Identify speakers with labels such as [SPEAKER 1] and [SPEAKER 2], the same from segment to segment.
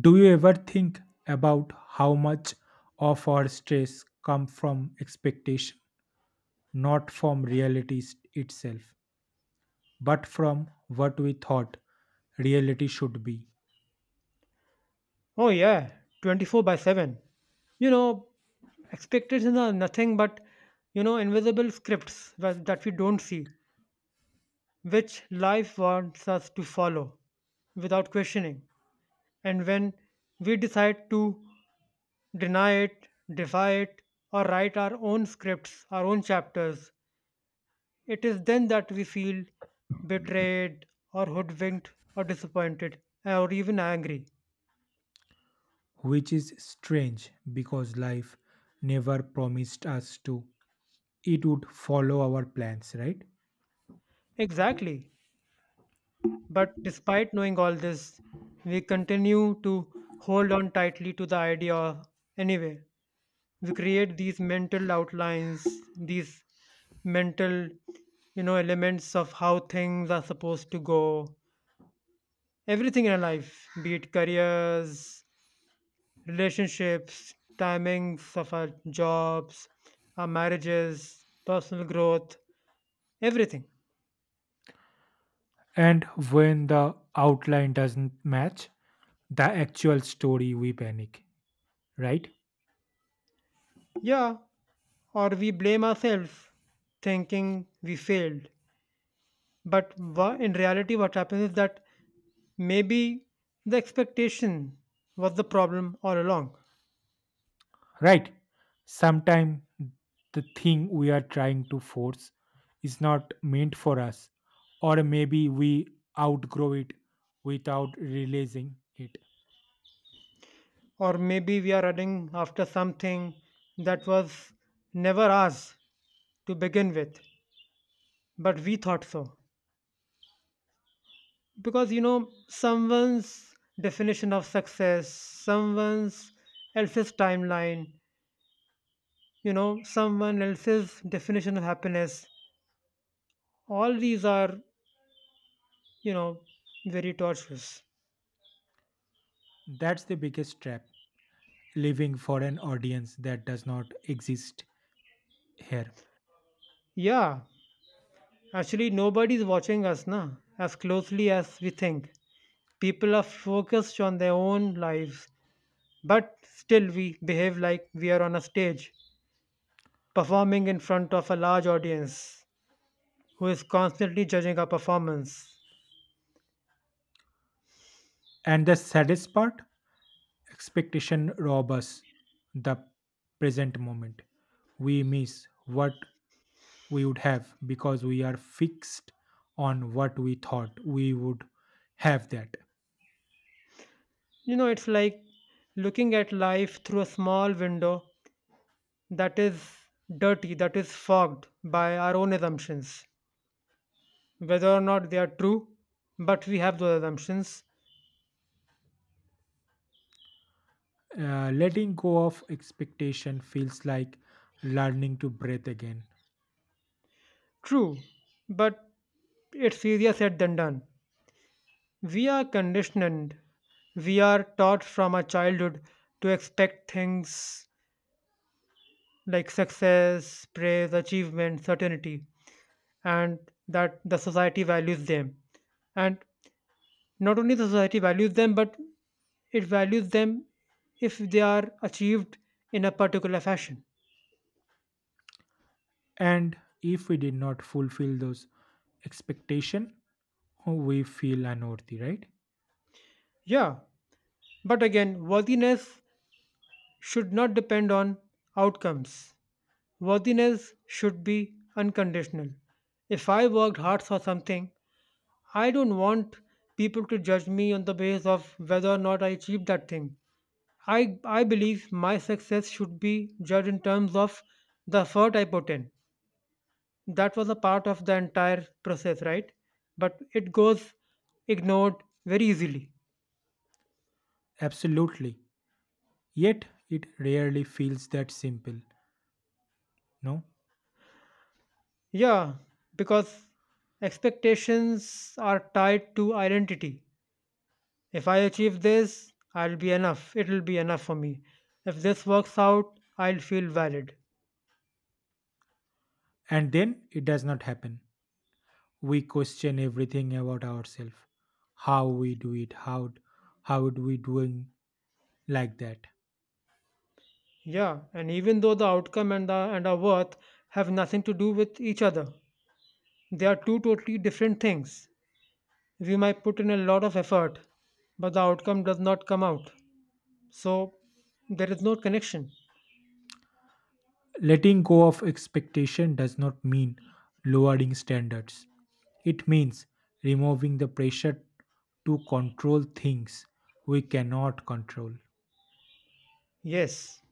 [SPEAKER 1] Do you ever think about how much of our stress comes from expectation, not from reality itself, but from what we thought reality should be,
[SPEAKER 2] Oh yeah, 24 by 7. You know, Expectations are nothing but, invisible scripts that we don't see, which life wants us to follow without questioning. And when we decide to deny it, defy it, or write our own scripts, our own chapters, it is then that we feel betrayed or hoodwinked or disappointed or even angry.
[SPEAKER 1] which is strange because life never promised us to it would follow our plans, right?
[SPEAKER 2] Exactly. But despite knowing all this, we continue to hold on tightly to the idea anyway. We create these mental outlines, these mental, elements of how things are supposed to go. Everything in our life, be it careers, relationships, timings of our jobs, our marriages, personal growth, everything.
[SPEAKER 1] And when the outline doesn't match the actual story, we panic, right?
[SPEAKER 2] Yeah, or we blame ourselves thinking we failed. But in reality, what happens is that maybe the expectation was the problem all along,
[SPEAKER 1] Right, sometimes the thing we are trying to force is not meant for us, or maybe we outgrow it without realizing it.
[SPEAKER 2] or maybe we are running after something that was never ours to begin with, but we thought so. Because someone's definition of success, someone's else's timeline, someone else's definition of happiness, all these are you know very torturous.
[SPEAKER 1] That's the biggest trap, living for an audience that does not exist here.
[SPEAKER 2] Yeah, actually nobody's watching us na as closely as we think. People are focused on their own lives, but still we behave like we are on a stage performing in front of a large audience who is constantly judging our performance.
[SPEAKER 1] And the saddest part, expectation rob us the present moment. We miss what we would have because we are fixed on what we thought we would have that.
[SPEAKER 2] It's like looking at life through a small window that is dirty, that is fogged by our own assumptions, whether or not they are true, but we have those assumptions.
[SPEAKER 1] Letting go of expectation feels like learning to breathe again.
[SPEAKER 2] True, but it's easier said than done. We are conditioned. We are taught from our childhood to expect things like success, praise, achievement, certainty, and that the society values them. And not only the society values them, but it values them if they are achieved in a particular fashion.
[SPEAKER 1] And if we did not fulfill those expectation, we feel unworthy, right?
[SPEAKER 2] Yeah. But again, worthiness should not depend on outcomes. Worthiness should be unconditional. If I worked hard for something, I don't want people to judge me on the basis of whether or not I achieved that thing. I believe my success should be judged in terms of the effort I put in. That was a part of the entire process, right? But it goes ignored very easily.
[SPEAKER 1] Absolutely. Yet it rarely feels that simple, no?
[SPEAKER 2] Yeah, because expectations are tied to identity. If I achieve this, I'll be enough. It'll be enough for me. If this works out, I'll feel valid.
[SPEAKER 1] And then it does not happen. We question everything about ourselves. How we do it, how would we doing like that.
[SPEAKER 2] Yeah, and even though the outcome and the and our worth have nothing to do with each other, they are two totally different things. We might put in a lot of effort, but the outcome does not come out. So there is no connection.
[SPEAKER 1] Letting go of expectation does not mean lowering standards. It means removing the pressure to control things we cannot control.
[SPEAKER 2] Yes,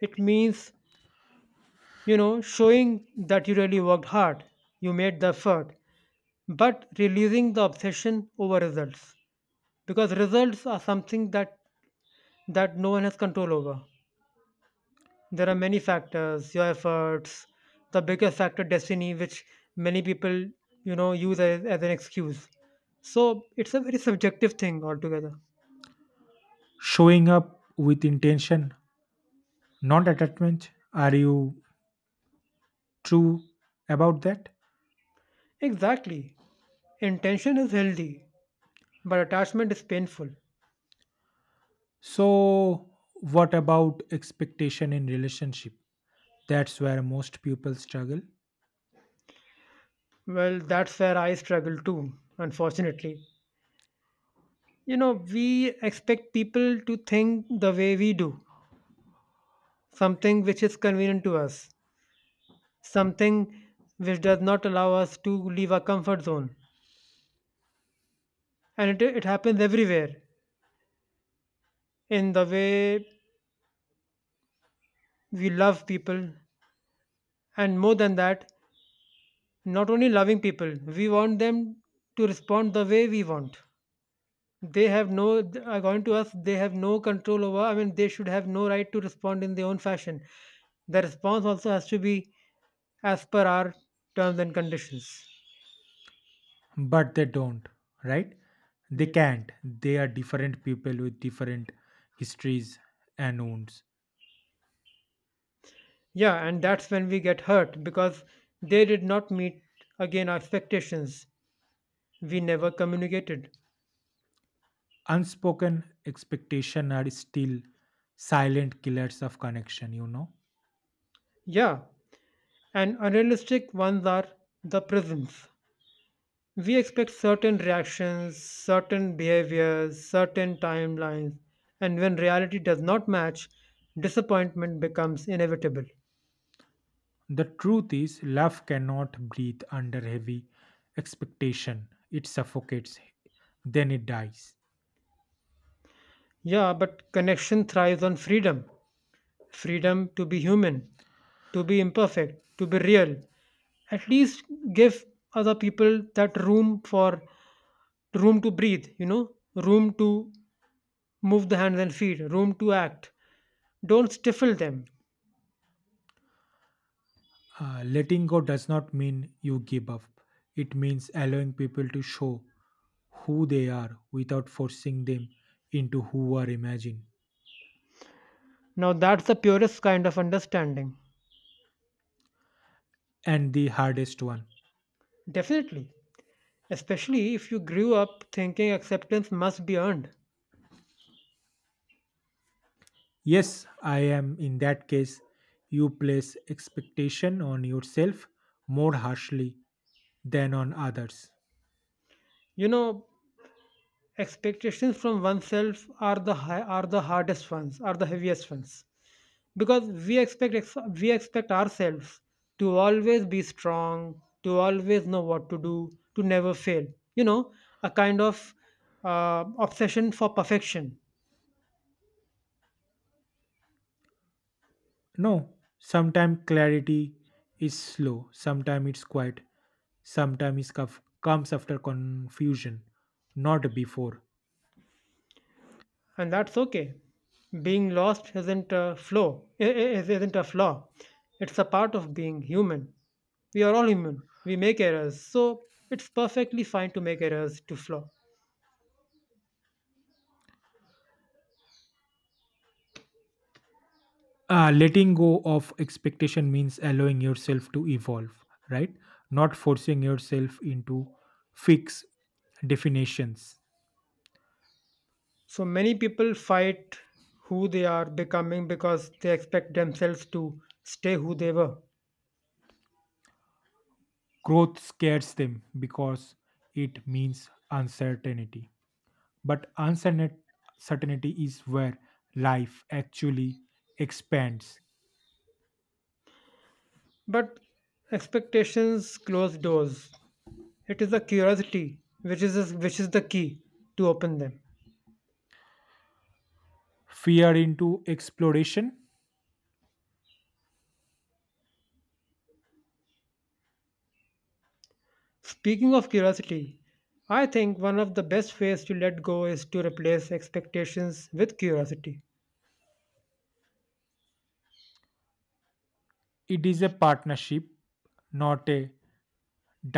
[SPEAKER 2] it means showing that you really worked hard, you made the effort, but releasing the obsession over results, because results are something that no one has control over. There are many factors, your efforts, the biggest factor destiny, which many people use as an excuse. So it's a very subjective thing altogether.
[SPEAKER 1] Showing up with intention, not attachment. Are you true about that?
[SPEAKER 2] Exactly. Intention is healthy, but attachment is painful.
[SPEAKER 1] So, what about expectation in relationship? That's where most people struggle.
[SPEAKER 2] Well, that's where I struggle too, unfortunately. We expect people to think the way we do, something which is convenient to us, something which does not allow us to leave our comfort zone. And it happens everywhere in the way we love people. And more than that, not only loving people, we want them to respond the way we want. They have no, th- According to us, they have no control over. I mean, they should have no right to respond in their own fashion. The response also has to be as per our terms and conditions.
[SPEAKER 1] But they don't, right? They
[SPEAKER 2] Ye-
[SPEAKER 1] can't. They are different people with different histories and wounds.
[SPEAKER 2] Yeah, and that's when we get hurt because they did not meet again our expectations. We never communicated.
[SPEAKER 1] Unspoken expectation are still silent killers of connection.
[SPEAKER 2] Yeah, and unrealistic ones are the prisons. We expect certain reactions, certain behaviors, certain timelines, and when reality does not match, disappointment becomes inevitable.
[SPEAKER 1] The truth is love cannot breathe under heavy expectation. It suffocates, then it dies.
[SPEAKER 2] Yeah, but connection thrives on freedom, freedom to be human, to be imperfect, to be real. At least give other people that room to breathe, room to move the hands and feet, room to act. Don't stifle them.
[SPEAKER 1] Letting go does not mean you give up, it means allowing people to show who they are without forcing them into who are imagined.
[SPEAKER 2] Now that's the purest kind of understanding.
[SPEAKER 1] And the hardest one.
[SPEAKER 2] Definitely. Especially if you grew up thinking acceptance must be earned.
[SPEAKER 1] Yes, I am in that case. You place expectation on yourself more harshly than on others.
[SPEAKER 2] You know, Expectations from oneself are are the hardest ones, are the heaviest ones. Because we expect ourselves to always be strong, to always know what to do, to never fail. You know, a kind of obsession for perfection.
[SPEAKER 1] No, sometimes clarity is slow, sometimes it's quiet, sometimes it comes after confusion, not before.
[SPEAKER 2] And that's okay. Being lost isn't a flaw. Isn't a flaw. It's a part of being human. We are all human. We make errors, so it's perfectly fine to make errors, to flaw.
[SPEAKER 1] Letting go of expectation means allowing yourself to evolve, right? Not forcing yourself into fixed definitions.
[SPEAKER 2] So many people fight who they are becoming because they expect themselves to stay who they were.
[SPEAKER 1] Growth scares them because it means uncertainty, but uncertainty is where life actually expands.
[SPEAKER 2] But expectations close doors. It is the curiosity which is the key to open them.
[SPEAKER 1] Fear into exploration.
[SPEAKER 2] Speaking of curiosity, I think one of the best ways to let go is to replace expectations with curiosity.
[SPEAKER 1] It is a partnership, not a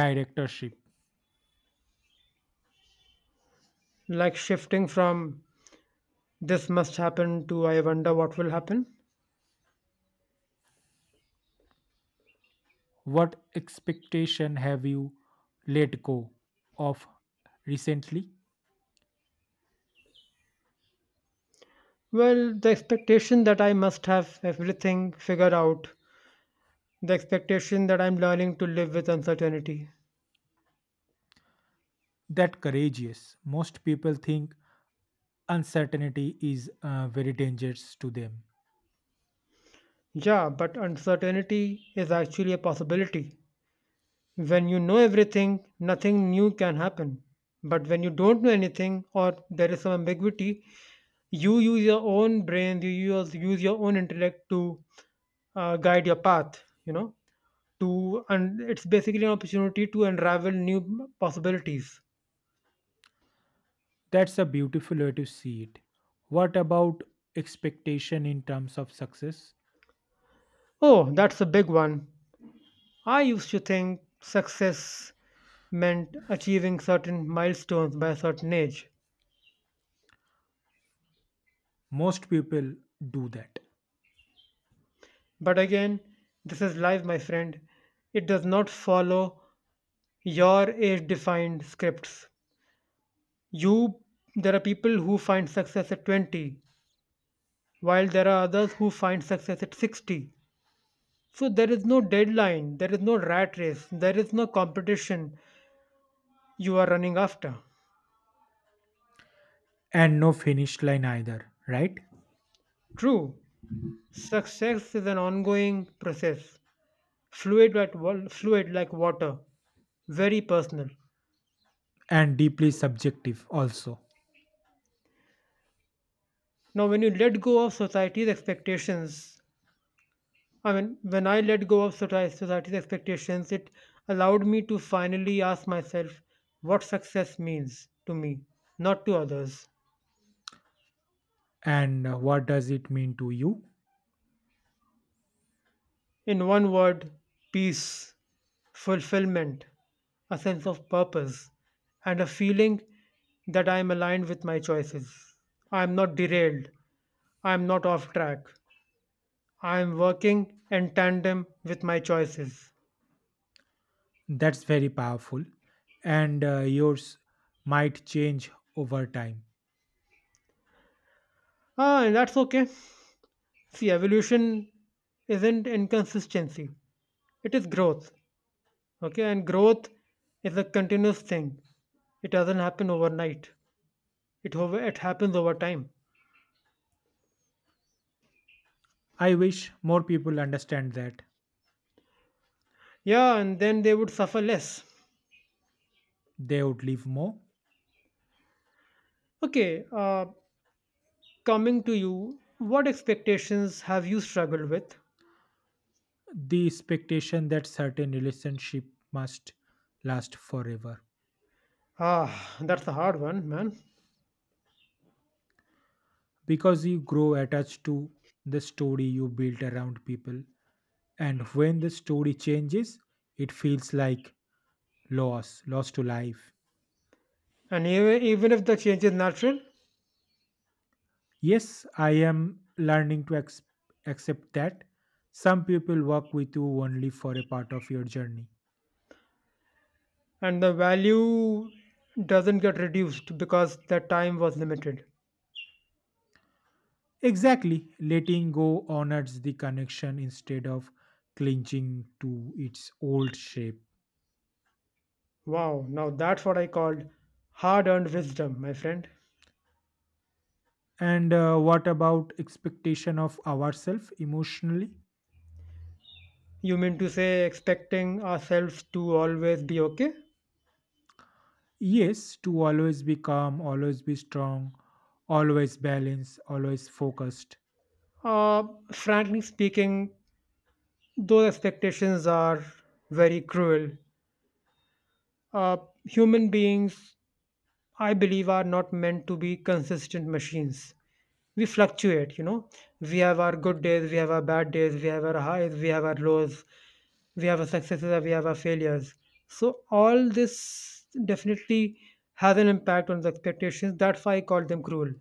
[SPEAKER 1] directorship.
[SPEAKER 2] Like shifting from this must happen to I wonder what will happen.
[SPEAKER 1] What expectation have you let go of recently?
[SPEAKER 2] Well, the expectation that I must have everything figured out, the expectation that I'm learning to live with uncertainty.
[SPEAKER 1] That courageous. Most people think uncertainty is very dangerous to them.
[SPEAKER 2] Yeah, but uncertainty is actually a possibility. When you know everything, nothing new can happen. But when you don't know anything or there is some ambiguity, you use your own brain, you use your own intellect to guide your path, and it's basically an opportunity to unravel new possibilities.
[SPEAKER 1] That's a beautiful way to see it. What about expectation in terms of success?
[SPEAKER 2] Oh, that's a big one. I used to think success meant achieving certain milestones by a certain age.
[SPEAKER 1] Most people do that.
[SPEAKER 2] But again, this is life, my friend. It does not follow your age defined scripts. You, there are people who find success at 20, while there are others who find success at 60. So there is no deadline, there is no rat race, there is no competition you are running after.
[SPEAKER 1] And no finish line either, right?
[SPEAKER 2] True, success is an ongoing process, fluid, fluid like water, very personal.
[SPEAKER 1] And deeply subjective also.
[SPEAKER 2] Now, when you let go of society's expectations, I mean, when I let go of society's expectations, it allowed me to finally ask myself what success means to me, not to others.
[SPEAKER 1] And what does it mean to you?
[SPEAKER 2] In one word, peace, fulfillment, a sense of purpose, and a feeling that I am aligned with my choices. I am not derailed. I am not off track. I am working in tandem with my choices.
[SPEAKER 1] That's very powerful, and yours might change over time.
[SPEAKER 2] Ah, and that's okay. See, evolution isn't inconsistency, it is growth. Okay, and growth is a continuous thing, it doesn't happen overnight, it happens over time.
[SPEAKER 1] I wish more people understand that.
[SPEAKER 2] Yeah, and then they would suffer less.
[SPEAKER 1] They would live more.
[SPEAKER 2] Okay, coming to you, what expectations have you struggled with?
[SPEAKER 1] The expectation that certain relationship must last forever,
[SPEAKER 2] Ah, that's a hard one, man.
[SPEAKER 1] because you grow attached to the story you built around people, and when the story changes, it feels like loss, loss to life.
[SPEAKER 2] And even if the change is natural
[SPEAKER 1] Yes, I am learning to accept that some people walk with you only for a part of your journey.
[SPEAKER 2] and the value doesn't get reduced because the time was limited.
[SPEAKER 1] Exactly, letting go honors the connection instead of clinging to its old shape.
[SPEAKER 2] Wow, now that's what I called hard earned wisdom, my friend.
[SPEAKER 1] And what about expectation of ourselves emotionally?
[SPEAKER 2] You mean to say expecting ourselves to always be okay?
[SPEAKER 1] Yes, to always be calm, always be strong, always balanced, always focused.
[SPEAKER 2] Uh, Frankly speaking, those expectations are very cruel. Uh, Human beings, I believe, are not meant to be consistent machines. We fluctuate. We have our good days, we have our bad days, we have our highs, we have our lows, we have our successes, and we have our failures. So, all this definitely has an impact on the expectations. That's why I call them cruel.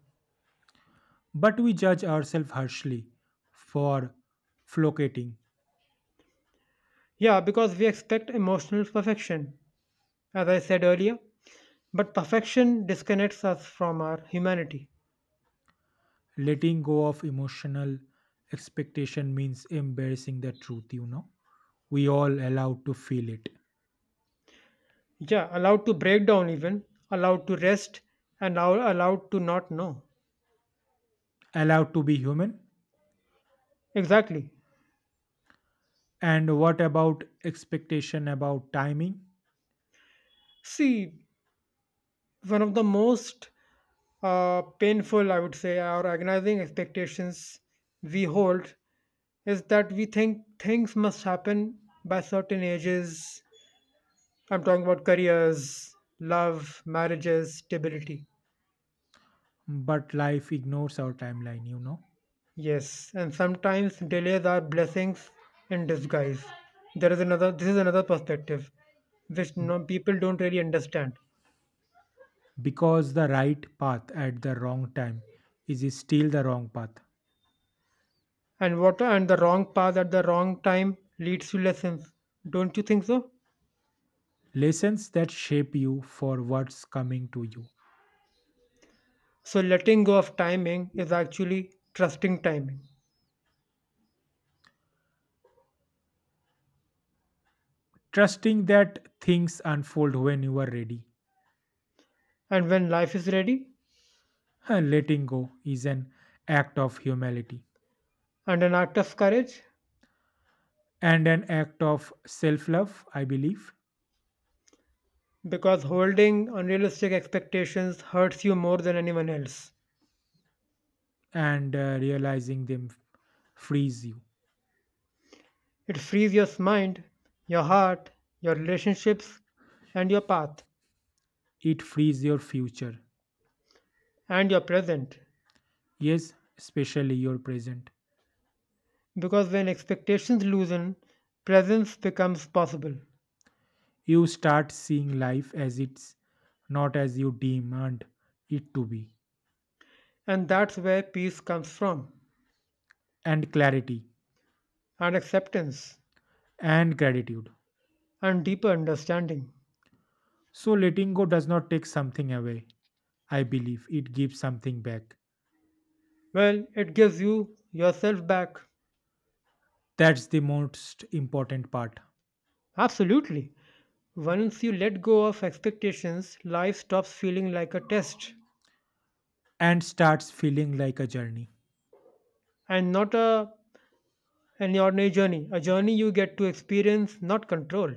[SPEAKER 1] But we judge ourselves harshly for flocating.
[SPEAKER 2] Yeah, because we expect emotional perfection, as I said earlier. But perfection disconnects us from our humanity.
[SPEAKER 1] Letting go of emotional expectation means embracing the truth. We all allowed to feel it,
[SPEAKER 2] Yeah, allowed to break down, even allowed to rest, and now allowed to not know.
[SPEAKER 1] allowed to be human.
[SPEAKER 2] Exactly.
[SPEAKER 1] And what about expectation about timing?
[SPEAKER 2] See, one of the most painful, I would say, or agonizing expectations we hold is that we think things must happen by certain ages. I'm talking about careers, love, marriages, stability.
[SPEAKER 1] But life ignores our timeline, you know,
[SPEAKER 2] Yes, and sometimes delays are blessings in disguise. There is another. This is another perspective, which no, people don't really understand.
[SPEAKER 1] because the right path at the wrong time is still the wrong path.
[SPEAKER 2] And what and the wrong path at the wrong time leads to lessons. Don't you think so?
[SPEAKER 1] Lessons that shape you for what's coming to you.
[SPEAKER 2] So letting go of timing is actually trusting timing.
[SPEAKER 1] Trusting that things unfold when you are ready.
[SPEAKER 2] And when life is ready,
[SPEAKER 1] Letting go is an act of humility
[SPEAKER 2] and an act of courage,
[SPEAKER 1] and an act of self love, I believe,
[SPEAKER 2] because holding unrealistic expectations hurts you more than anyone else.
[SPEAKER 1] and realizing them frees you.
[SPEAKER 2] It frees your mind, your heart, your relationships, and your path,
[SPEAKER 1] It frees your future.
[SPEAKER 2] and your present.
[SPEAKER 1] Yes, especially your present.
[SPEAKER 2] Because when expectations loosen, presence becomes possible.
[SPEAKER 1] You start seeing life as it's, not as you demand it to be,
[SPEAKER 2] And that's where peace comes from,
[SPEAKER 1] and clarity
[SPEAKER 2] and acceptance,
[SPEAKER 1] and gratitude.
[SPEAKER 2] and deeper understanding.
[SPEAKER 1] So, letting go does not take something away, I believe, it gives something back.
[SPEAKER 2] Well, it gives you yourself back.
[SPEAKER 1] That's the most important part,
[SPEAKER 2] Absolutely. Once you let go of expectations, life stops feeling like a test
[SPEAKER 1] and starts feeling like a journey.
[SPEAKER 2] and not a an ordinary journey, a journey you get to experience, not control.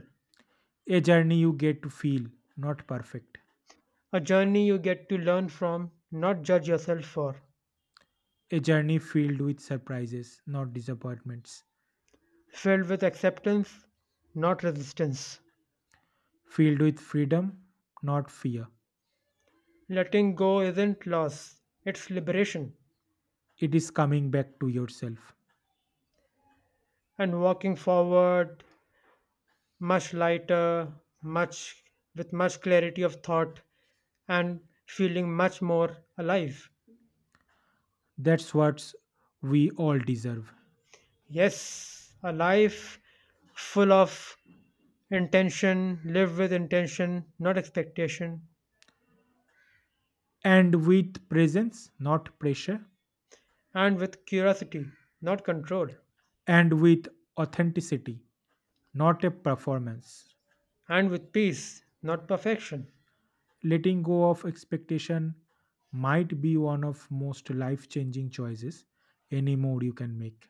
[SPEAKER 1] A journey you get to feel, not perfect.
[SPEAKER 2] A journey you get to learn from, not judge yourself for.
[SPEAKER 1] A journey filled with surprises, not disappointments.
[SPEAKER 2] Filled with acceptance, not resistance.
[SPEAKER 1] Filled with freedom, not fear.
[SPEAKER 2] Letting go isn't loss, it's liberation.
[SPEAKER 1] It is coming back to yourself.
[SPEAKER 2] And walking forward much lighter, much with much clarity of thought and feeling much more alive.
[SPEAKER 1] That's what we all deserve.
[SPEAKER 2] Yes, a life full of intention, live with intention, not expectation,
[SPEAKER 1] And with presence, not pressure.
[SPEAKER 2] and with curiosity, not control.
[SPEAKER 1] And with authenticity, not a performance.
[SPEAKER 2] And with peace, not perfection.
[SPEAKER 1] Letting go of expectation might be one of most life changing choices anymore you can make.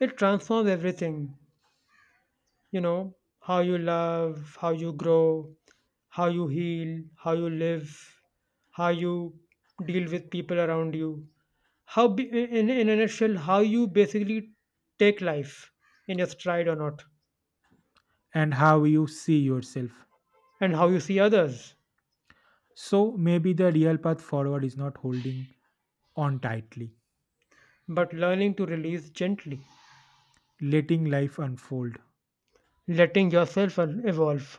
[SPEAKER 2] It transforms everything, you know, how you love, how you grow, how you heal, how you live, how you deal with people around you, how, be, in a nutshell, how you basically take life in your stride or not,
[SPEAKER 1] And how you see yourself.
[SPEAKER 2] and how you see others.
[SPEAKER 1] So maybe the real path forward is not holding on tightly,
[SPEAKER 2] But learning to release gently,
[SPEAKER 1] letting life unfold,
[SPEAKER 2] letting yourself evolve,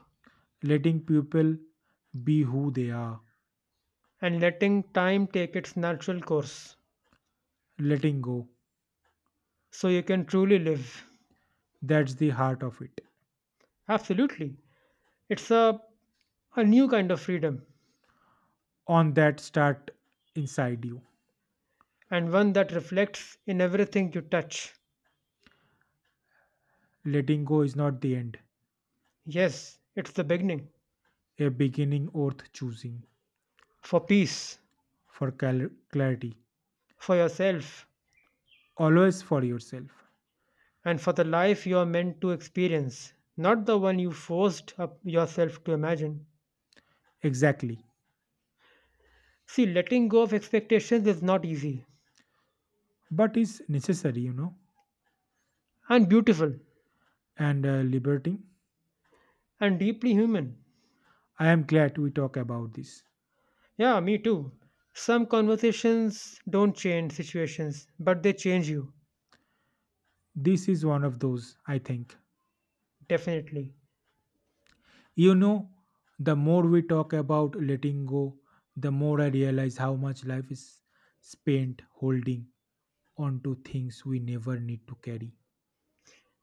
[SPEAKER 1] letting people be who they are,
[SPEAKER 2] and letting time take its natural course
[SPEAKER 1] letting go.
[SPEAKER 2] so you can truly live.
[SPEAKER 1] That's the heart of it.
[SPEAKER 2] Absolutely. It's a, a new kind of freedom,
[SPEAKER 1] On that start inside you.
[SPEAKER 2] and one that reflects in everything you touch.
[SPEAKER 1] Letting go is not the end,
[SPEAKER 2] Yes, it's the beginning
[SPEAKER 1] a beginning worth choosing
[SPEAKER 2] for peace,
[SPEAKER 1] for clarity,
[SPEAKER 2] for yourself,
[SPEAKER 1] always for yourself.
[SPEAKER 2] and for the life you are meant to experience, not the one you forced up yourself to imagine.
[SPEAKER 1] Exactly.
[SPEAKER 2] See, letting go of expectations is not easy,
[SPEAKER 1] But it's necessary, you know,
[SPEAKER 2] and beautiful,
[SPEAKER 1] and liberating.
[SPEAKER 2] and deeply human.
[SPEAKER 1] I am glad we talk about this.
[SPEAKER 2] Yeah, me too. Some conversations don't change situations, but they change you,
[SPEAKER 1] This is one of those, I think.
[SPEAKER 2] definitely.
[SPEAKER 1] You know, the more we talk about letting go, the more I realize how much life is spent holding on to things we never need to carry.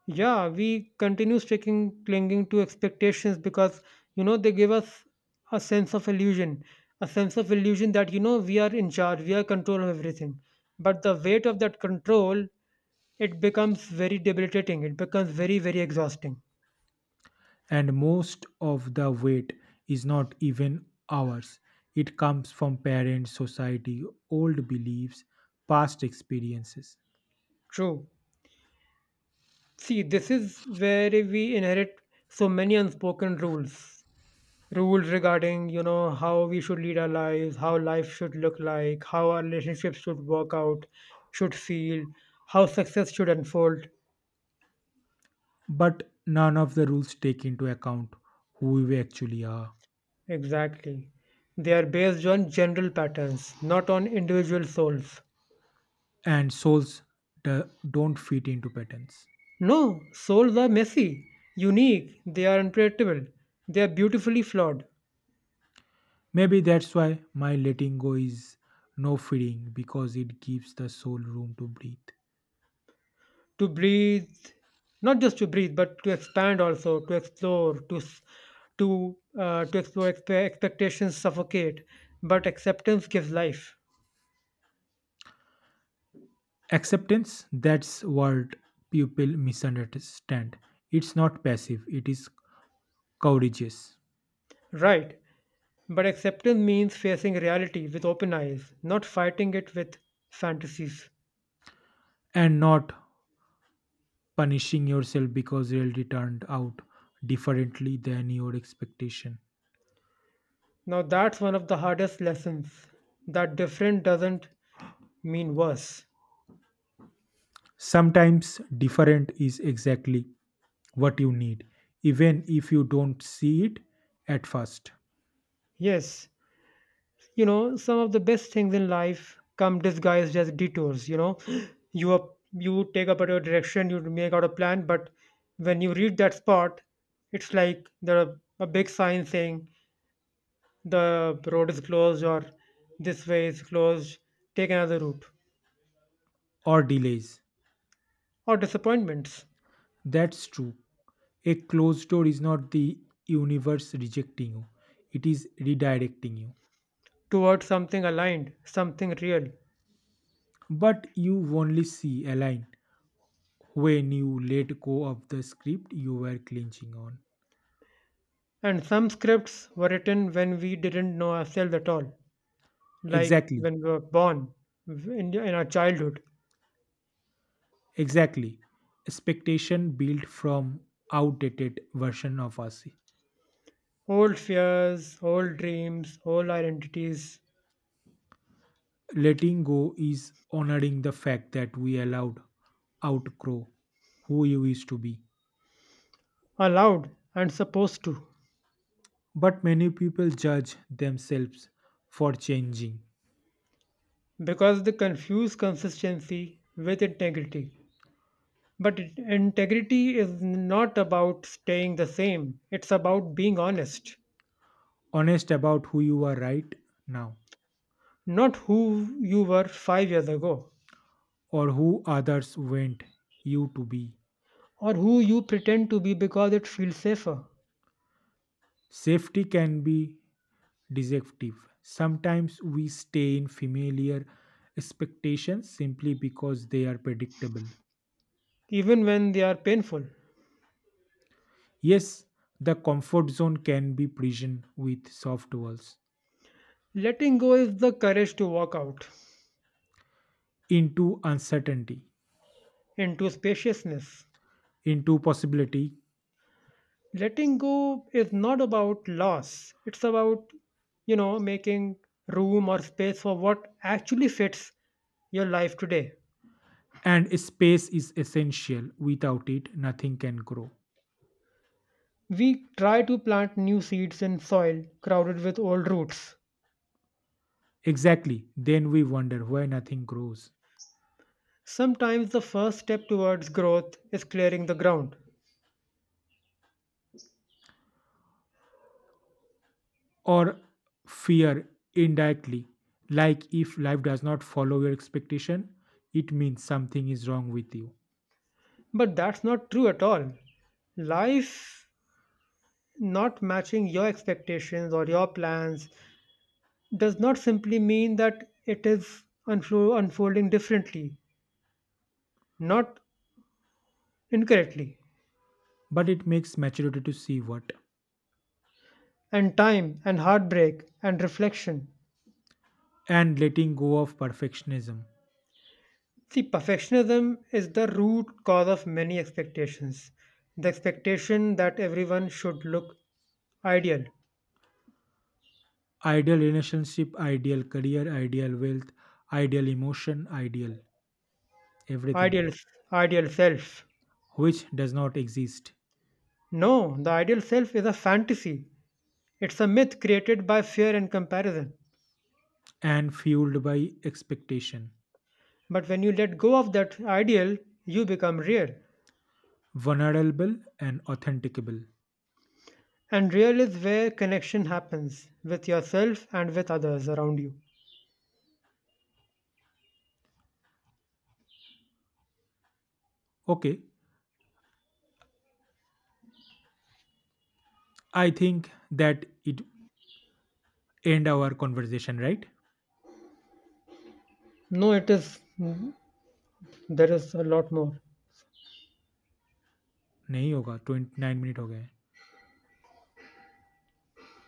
[SPEAKER 2] Yeah, we continue sticking clinging to expectations because, you know, they give us a sense of illusion, a sense of illusion that, you know, we are in charge, we are control of everything. But the weight of that control, it becomes very debilitating, it becomes very, very exhausting.
[SPEAKER 1] And most of the weight is not even ours, it comes from parents, society, old beliefs, past experiences.
[SPEAKER 2] True. See, this is where we inherit so many unspoken rules, rules regarding, you know, how we should lead our lives, how life should look like, how our relationships should work out, should feel, how success should unfold.
[SPEAKER 1] But none of the rules take into account who we actually are,
[SPEAKER 2] Exactly, they are based on general patterns, not on individual souls.
[SPEAKER 1] and souls do- don't fit into patterns.
[SPEAKER 2] No, souls are messy, unique, they are unpredictable, they are beautifully flawed.
[SPEAKER 1] Maybe that's why my letting go is no freeing because it gives the soul room to breathe.
[SPEAKER 2] To breathe, not just to breathe but to expand also, to explore, to s- to explore expectations suffocate, but acceptance gives life.
[SPEAKER 1] Acceptance, that's what people misunderstand. It's not passive, it is courageous.
[SPEAKER 2] Right, but acceptance means facing reality with open eyes, not fighting it with fantasies.
[SPEAKER 1] And not punishing yourself because reality turned out differently than your expectation.
[SPEAKER 2] Now that's one of the hardest lessons, that different doesn't mean worse.
[SPEAKER 1] Sometimes different is exactly what you need, even if you don't see it at first.
[SPEAKER 2] Yes, you know, some of the best things in life come disguised as detours. You know, you up, you take a particular direction, you make out a plan, but when you reach that spot, it's like there are a big sign saying the road is closed, or this way is closed, take another route,
[SPEAKER 1] Or delays.
[SPEAKER 2] or disappointments,
[SPEAKER 1] That's true. A closed door is not the universe rejecting you, it is redirecting you.
[SPEAKER 2] towards something aligned, something real.
[SPEAKER 1] But you only see a line when you let go of the script you were clenching on.
[SPEAKER 2] And some scripts were written when we didn't know ourselves at all, like when
[SPEAKER 1] Exactly,
[SPEAKER 2] we were born, in our childhood.
[SPEAKER 1] exactly. Expectation built from outdated version of us.
[SPEAKER 2] Old fears, old dreams, old identities
[SPEAKER 1] Letting go is honoring the fact that we allowed outgrow who you used to be.
[SPEAKER 2] are allowed and supposed to,
[SPEAKER 1] But many people judge themselves for changing,
[SPEAKER 2] because they confuse consistency with integrity. But integrity is not about staying the same, it's about being honest,
[SPEAKER 1] honest about who you are right now,
[SPEAKER 2] not who you were 5 years ago,
[SPEAKER 1] or who others want you to be.
[SPEAKER 2] or who you pretend to be because it feels safer,
[SPEAKER 1] Safety can be deceptive. Sometimes we stay in familiar expectations simply because they are predictable.
[SPEAKER 2] even when they are painful.
[SPEAKER 1] Yes, the comfort zone can be prison with soft walls,
[SPEAKER 2] Letting go is the courage to walk out
[SPEAKER 1] into uncertainty,
[SPEAKER 2] into spaciousness,
[SPEAKER 1] into possibility,
[SPEAKER 2] letting go is not about loss, it's about, you know, making room or space for what actually fits your life today.
[SPEAKER 1] and space is essential. Without it, nothing can grow.
[SPEAKER 2] We try to plant new seeds in soil crowded with old roots.
[SPEAKER 1] Exactly. Then we wonder why nothing grows.
[SPEAKER 2] Sometimes the first step towards growth is clearing the ground,
[SPEAKER 1] Or fear indirectly, like if life does not follow your expectation, it means something is wrong with you.
[SPEAKER 2] but that's not true at all. Life not matching your expectations or your plans does not simply mean that it is unfolding differently, not incorrectly,
[SPEAKER 1] But it makes maturity to see what.
[SPEAKER 2] and time and heartbreak and reflection.
[SPEAKER 1] And letting go of perfectionism.
[SPEAKER 2] See, perfectionism is the root cause of many expectations. The expectation that everyone should look ideal,
[SPEAKER 1] Ideal relationship, ideal career, ideal wealth, ideal emotion, ideal everything,
[SPEAKER 2] ideal, ideal self.
[SPEAKER 1] which does not exist,
[SPEAKER 2] No, the ideal self is a fantasy. It's a myth created by fear and comparison.
[SPEAKER 1] and fueled by expectation.
[SPEAKER 2] But when you let go of that ideal, you become real.
[SPEAKER 1] Vulnerable and authenticable.
[SPEAKER 2] And real is where connection happens with yourself and with others around you.
[SPEAKER 1] Okay, I think that it end our conversation, right?
[SPEAKER 2] No, it is There is a lot more.
[SPEAKER 1] नहीं होगा twenty nine minute हो गए हैं